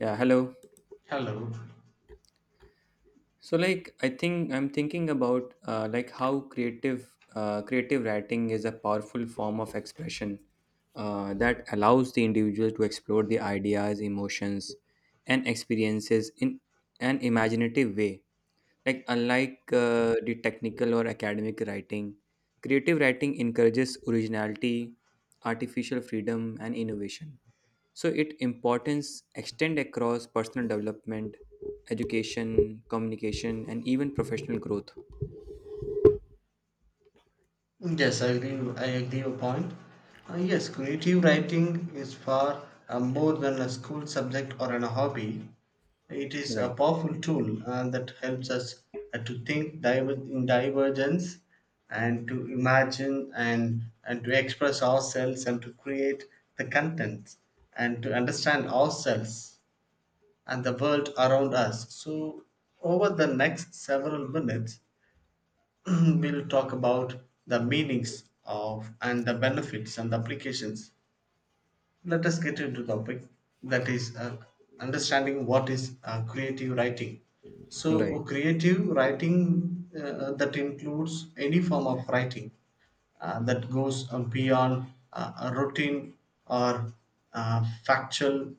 Yeah, hello. Hello. So like I think I'm thinking about like how creative creative writing is a powerful form of expression that allows the individual to explore the ideas, emotions, and experiences in an imaginative way. Like unlike the technical or academic writing, creative writing encourages originality, artificial freedom, and innovation. So its importance extend across personal development, education, communication, and even professional growth. Yes, I agree. I agree your point. Yes, creative writing is far more than a school subject or an hobby. It is a Right, powerful tool that helps us to think in divergence and to imagine and to express ourselves and to create the content and to understand ourselves and the world around us. So, over the next several minutes, we'll talk about the meanings of and the benefits and the applications. Let us get into the topic that is understanding what is creative writing. So, right, uh, creative writing that includes any form of writing that goes beyond a routine or factual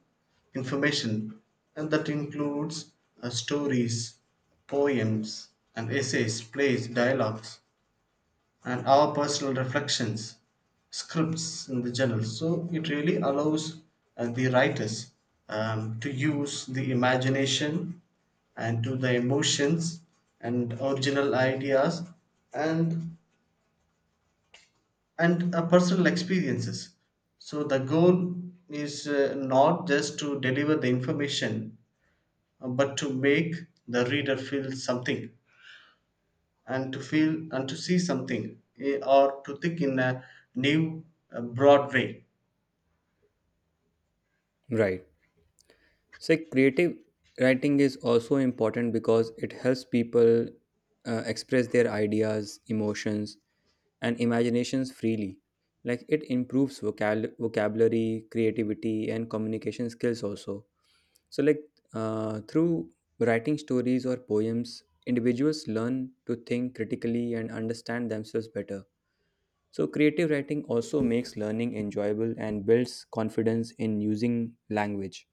information, and that includes stories, poems, and essays, plays, dialogues, and our personal reflections, scripts in the journal. So it really allows the writers to use the imagination and to the emotions and original ideas and and personal experiences. So the goal is not just to deliver the information, but to make the reader feel something, and to feel and to see something or to think in a new broad way. right. So, creative writing is also important because it helps people express their ideas, emotions, and imaginations freely. Like it improves vocabulary, creativity, and communication skills also. So, like through writing stories or poems, individuals learn to think critically and understand themselves better. So, creative writing also makes learning enjoyable and builds confidence in using language.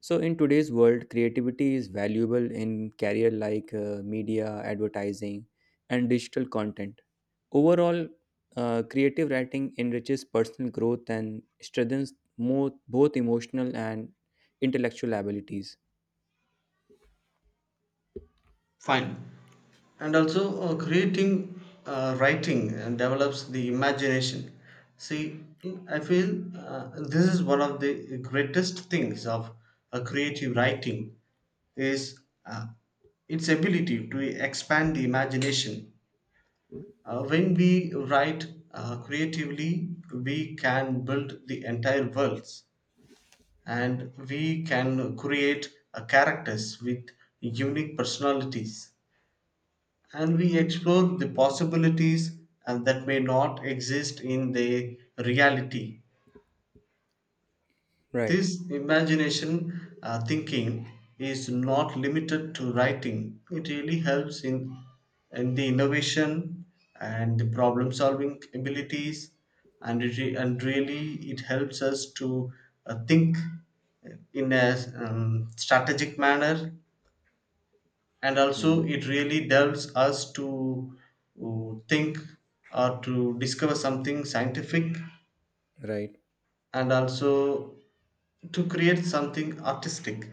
So, in today's world, creativity is valuable in career like media, advertising, and digital content. Overall, creative writing enriches personal growth and strengthens more, both emotional and intellectual abilities. Fine. And also creating writing and develops the imagination. See, I feel this is one of the greatest things of a creative writing is uh, its ability to expand the imagination. When we write creatively, we can build the entire worlds and we can create a characters with unique personalities and we explore the possibilities and that may not exist in the reality. Right. This imagination thinking is not limited to writing. It really helps in the innovation and the problem solving abilities, and really it helps us to think in a strategic manner, and also Mm. it really helps us to think or to discover something scientific Right. and also to create something artistic.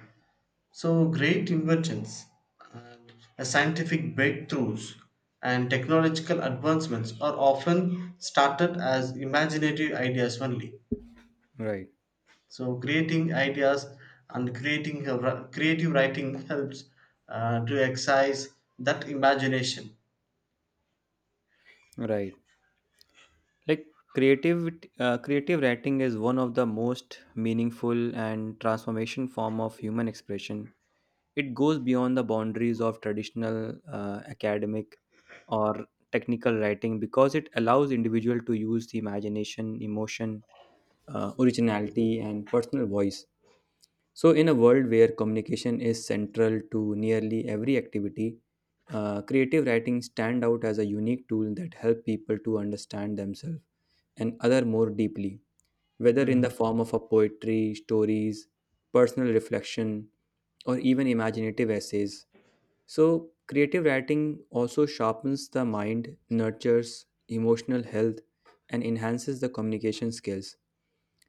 So great inventions and scientific breakthroughs and technological advancements are often started as imaginative ideas only. Right. So creating ideas and creating creative writing helps to exercise that imagination. Right. Like creative creative writing is one of the most meaningful and transformation form of human expression. It goes beyond the boundaries of traditional academic or technical writing because it allows individual to use the imagination, emotion, originality, and personal voice. So, in a world where communication is central to nearly every activity, creative writing stand out as a unique tool that help people to understand themselves and other more deeply, whether in the Mm. form of a poetry, stories, personal reflection, or even imaginative essays. So, creative writing also sharpens the mind, nurtures emotional health, and enhances the communication skills.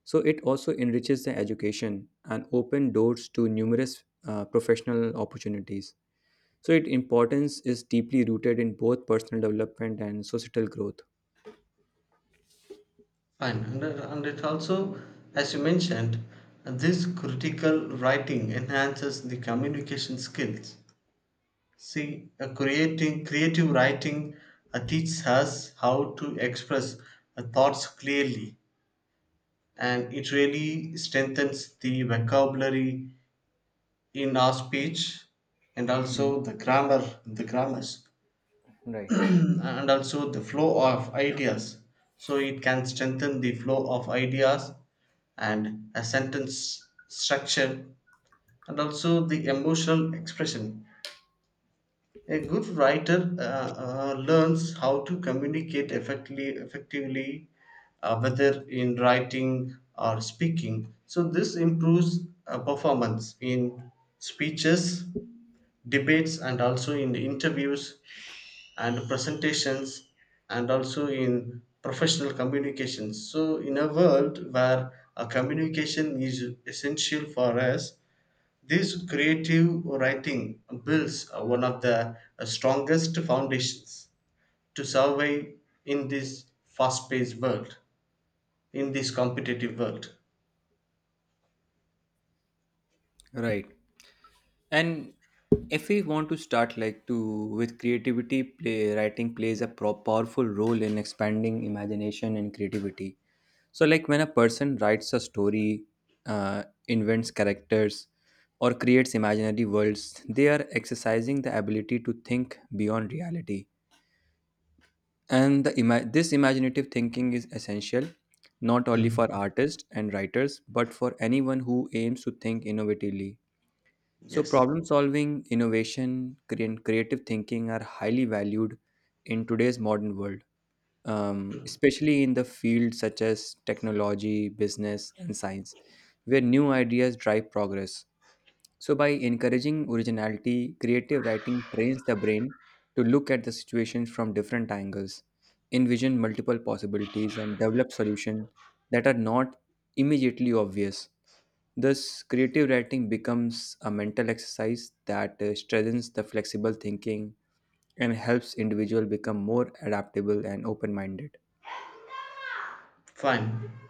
So, it also enriches the education and open doors to numerous professional opportunities. So, its importance is deeply rooted in both personal development and societal growth. Fine, and it also, as you mentioned, this critical writing enhances the communication skills. See, creating creative writing teaches us how to express thoughts clearly, and it really strengthens the vocabulary in our speech and also the grammars. And also the flow of ideas. So it can strengthen the flow of ideas and a sentence structure and also the emotional expression. A good writer learns how to communicate effectively, whether in writing or speaking. So this improves performance in speeches, debates, and also in the interviews and presentations and also in professional communications. So in a world where a communication is essential for us, this creative writing builds one of the strongest foundations to survive in this fast-paced world, in this competitive world. Right. And if we want to start like to with creativity, play, writing plays a powerful role in expanding imagination and creativity. So, like when a person writes a story, invents characters, or creates imaginary worlds, they are exercising the ability to think beyond reality. And this imaginative thinking is essential not only for Mm. artists and writers, but for anyone who aims to think innovatively. So, Yes. problem solving, innovation, and creative thinking are highly valued in today's modern world, especially in the fields such as technology, business, and science, where new ideas drive progress. So, by encouraging originality, creative writing trains the brain to look at the situation from different angles, envision multiple possibilities, and develop solutions that are not immediately obvious. Thus, creative writing becomes a mental exercise that strengthens the flexible thinking and helps individual become more adaptable and open-minded. Fine.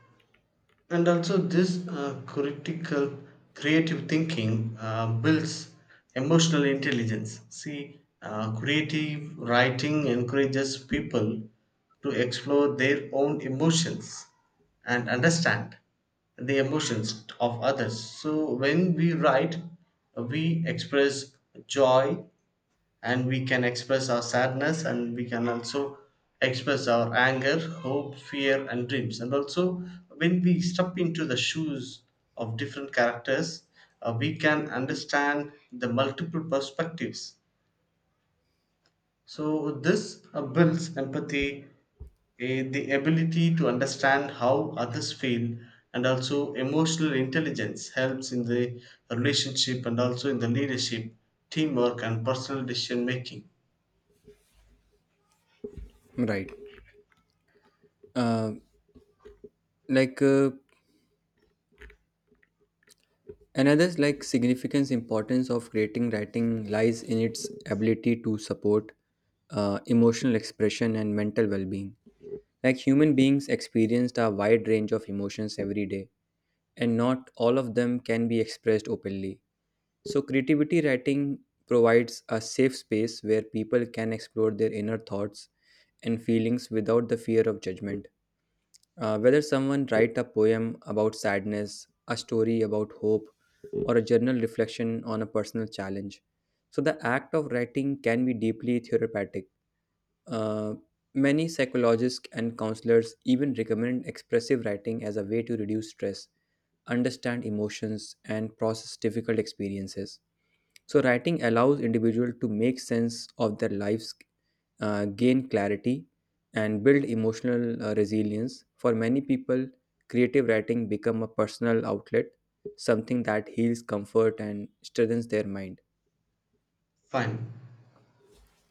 And also this critical creative thinking builds emotional intelligence. See, creative writing encourages people to explore their own emotions and understand the emotions of others. So when we write, we express joy, and we can express our sadness, and we can also express our anger, hope, fear and dreams. And also when we step into the shoes of different characters, we can understand the multiple perspectives. So this builds empathy, the ability to understand how others feel. And also emotional intelligence helps in the relationship and also in the leadership, teamwork and personal decision making. Right. Uh, like another like significance importance of creating writing lies in its ability to support emotional expression and mental well-being. Like human beings experienced a wide range of emotions every day, and not all of them can be expressed openly. So creativity writing provides a safe space where people can explore their inner thoughts and feelings without the fear of judgment. Whether someone write a poem about sadness, a story about hope, or a journal reflection on a personal challenge. So the act of writing can be deeply therapeutic. Uh, many psychologists and counselors even recommend expressive writing as a way to reduce stress, understand emotions, and process difficult experiences. So, writing allows individual to make sense of their lives, gain clarity, and build emotional resilience. For many people, creative writing become a personal outlet, something that heals comfort and strengthens their mind. Fine.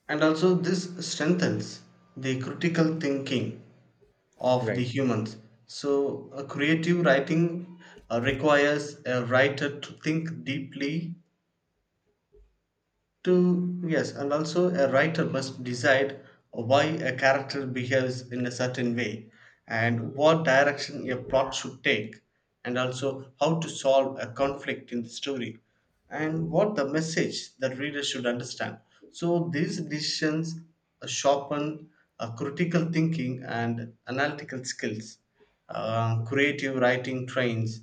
And also, this strengthens the critical thinking of the Right. humans. So, a creative writing requires a writer to think deeply to yes, and also a writer must decide why a character behaves in a certain way, and what direction a plot should take, and also how to solve a conflict in the story, and what the message that reader should understand. So these decisions sharpen critical thinking and analytical skills. Creative writing trains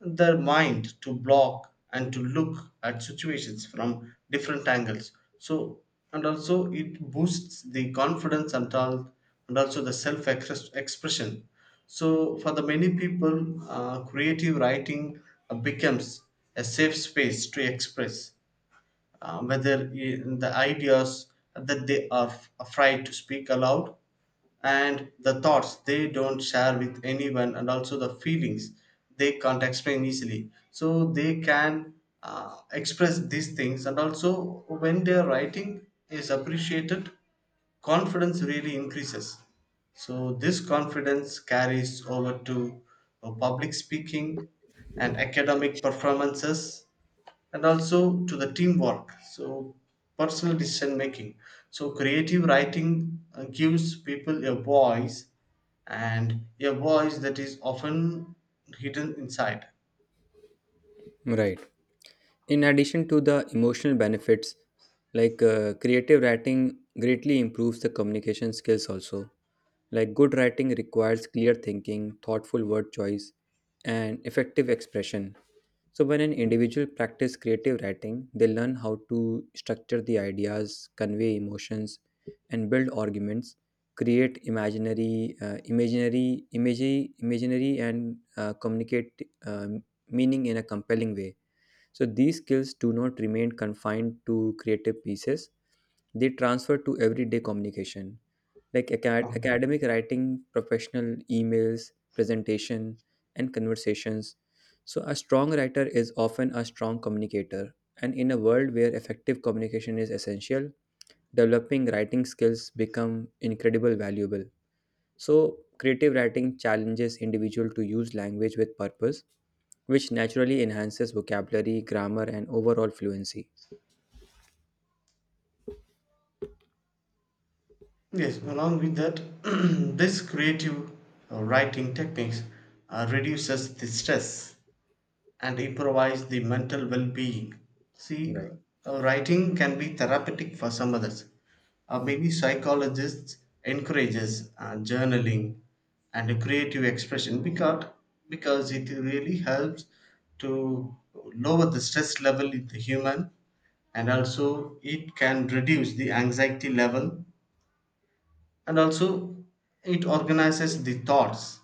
their mind to block and to look at situations from different angles. So and also it boosts the confidence and all and also the self expression. So for the many people, creative writing becomes a safe space to express, whether in the ideas that they are afraid to speak aloud, and the thoughts they don't share with anyone, and also the feelings they can't explain easily, so they can express these things. And also when their writing is appreciated, confidence really increases. So this confidence carries over to public speaking and academic performances and also to the teamwork, so personal decision making. So creative writing gives people a voice, and a voice that is often hidden inside. Right. In addition to the emotional benefits, like creative writing greatly improves the communication skills also. Like good writing requires clear thinking, thoughtful word choice, and effective expression. So, when an individual practice creative writing, they learn how to structure the ideas, convey emotions, and build arguments, create imagery, imaginary, and communicate um meaning in a compelling way. So, these skills do not remain confined to creative pieces; they transfer to everyday communication like academic writing, professional emails, presentation, and conversations. So, a strong writer is often a strong communicator. And in a world where effective communication is essential, developing writing skills become incredibly valuable. So, creative writing challenges individual to use language with purpose, which naturally enhances vocabulary, grammar, and overall fluency. Yes, along with that, this creative writing techniques reduces the stress and improvise the mental well being. See, Right. Writing can be therapeutic for some others. Maybe psychologists encourages journaling and creative expression because it really helps to lower the stress level in the human, and also it can reduce the anxiety level, and also it organizes the thoughts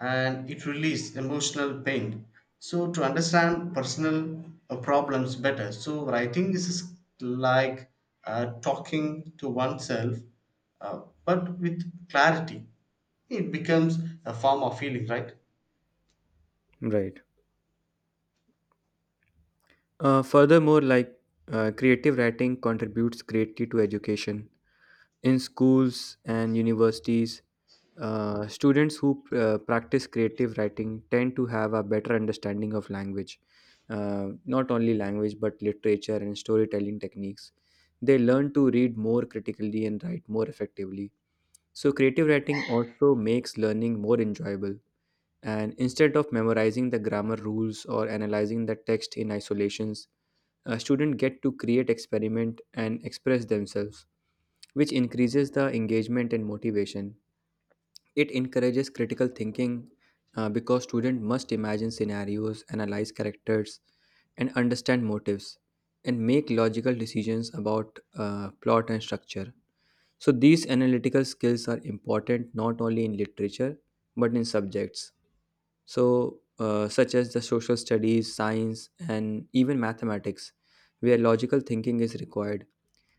and it releases emotional pain. So to understand personal problems better, so writing is like talking to oneself, but with clarity. It becomes a form of healing, right? Right. Furthermore, creative writing contributes greatly to education. In schools and universities, students who practice creative writing tend to have a better understanding of language, not only language but literature and storytelling techniques. They learn to read more critically and write more effectively. So, creative writing also makes learning more enjoyable. And instead of memorizing the grammar rules or analyzing the text in isolations, students get to create, experiment, and express themselves, which increases the engagement and motivation. It encourages critical thinking because students must imagine scenarios, analyze characters, and understand motives, and make logical decisions about plot and structure. So, these analytical skills are important not only in literature but in subjects such as the social studies science and even mathematics where logical thinking is required.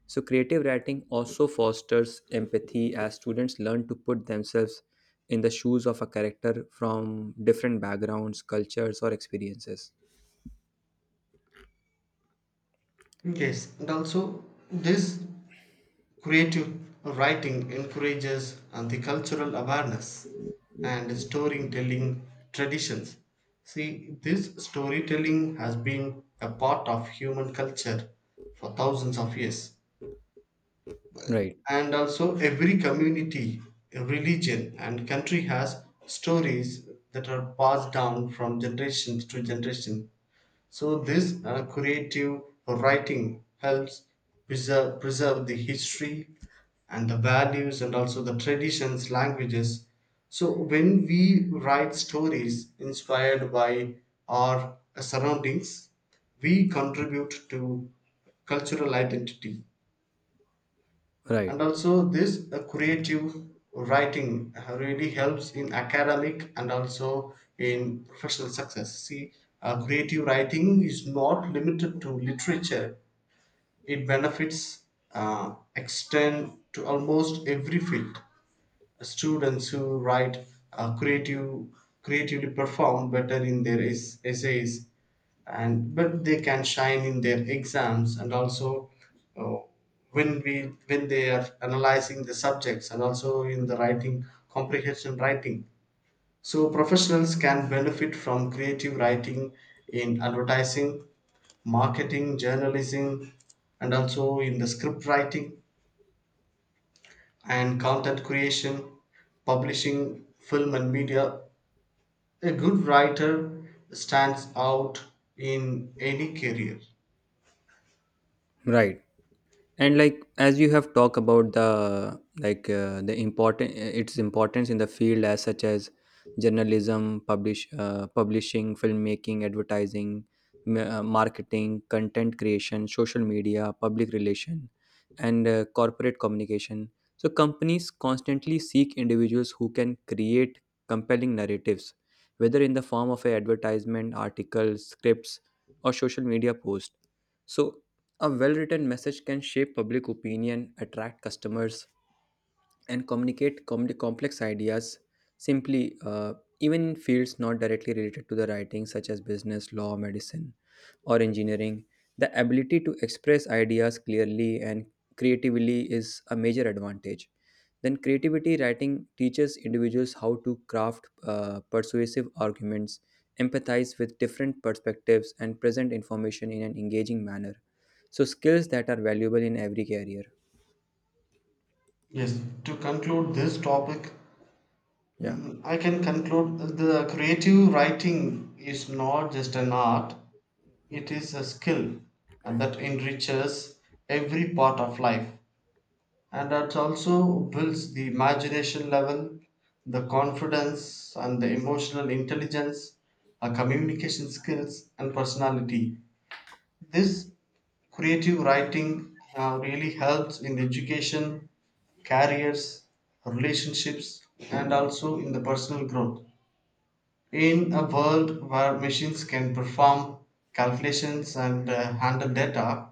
So creative writing also fosters empathy as students learn to put themselves in the shoes of a character from different backgrounds cultures or experiences. Yes, and also this creative writing encourages and the cultural awareness and storytelling traditions. See, this storytelling has been a part of human culture for thousands of years. Right, And also, every community, religion, and country has stories that are passed down from generation to generation. So this creative writing helps preserve the history and the values and also the traditions, languages. So when we write stories inspired by our surroundings, we contribute to cultural identity. right, And also this creative writing really helps in academic and also in professional success. See, creative writing is not limited to literature. It benefits extend to almost every field. Students who write uh, creative creatively perform better in their essays and but they can shine in their exams, and also uh, when we when they are analyzing the subjects and also in the writing comprehension writing. So professionals can benefit from creative writing in advertising, marketing, journalism, and also in the script writing and content creation, publishing, film and media. A good writer stands out in any career. right. And like as you have talked about the like the important its importance in the field as such as journalism, publishing, filmmaking, advertising, marketing, content creation, social media, public relation, and corporate communication. So companies constantly seek individuals who can create compelling narratives, whether in the form of an advertisement, article, scripts, or social media post. So a well written message can shape public opinion, attract customers, and communicate complex ideas simply. Uh, even in fields not directly related to the writing, such as business, law, medicine or engineering, the ability to express ideas clearly and creatively is a major advantage. Then, creativity writing teaches individuals how to craft persuasive arguments, empathize with different perspectives, and present information in an engaging manner. So, skills that are valuable in every career. Yes, to conclude this topic, Yeah, mm, I can conclude the creative writing is not just an art, it is a skill that enriches every part of life and that also builds the imagination level, the confidence, and the emotional intelligence, communication skills, and personality. This creative writing really helps in the education, careers, relationships and also in the personal growth. In a world where machines can perform calculations and handle data,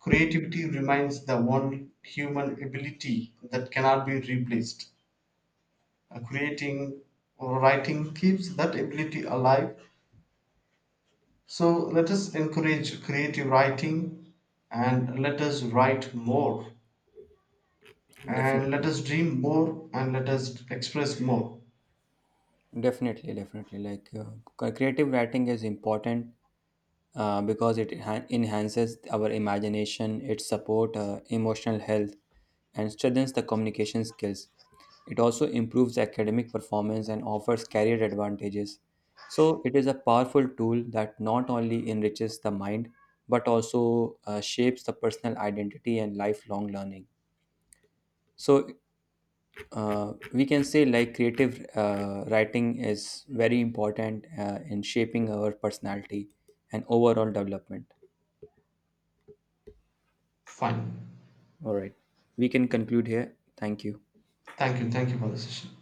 creativity remains the one human ability that cannot be replaced. Creating or writing keeps that ability alive. So let us encourage creative writing, and let us write more, and let definitely. us dream more, and let us express more. Definitely, definitely. Creative writing is important because it enhances our imagination, it support emotional health and strengthens the communication skills. It also improves academic performance and offers career advantages. So, it is a powerful tool that not only enriches the mind but also shapes the personal identity and lifelong learning. So, we can say like creative writing is very important in shaping our personality and overall development. Fine. All right, we can conclude here. Thank you. Thank you. Thank you for the session.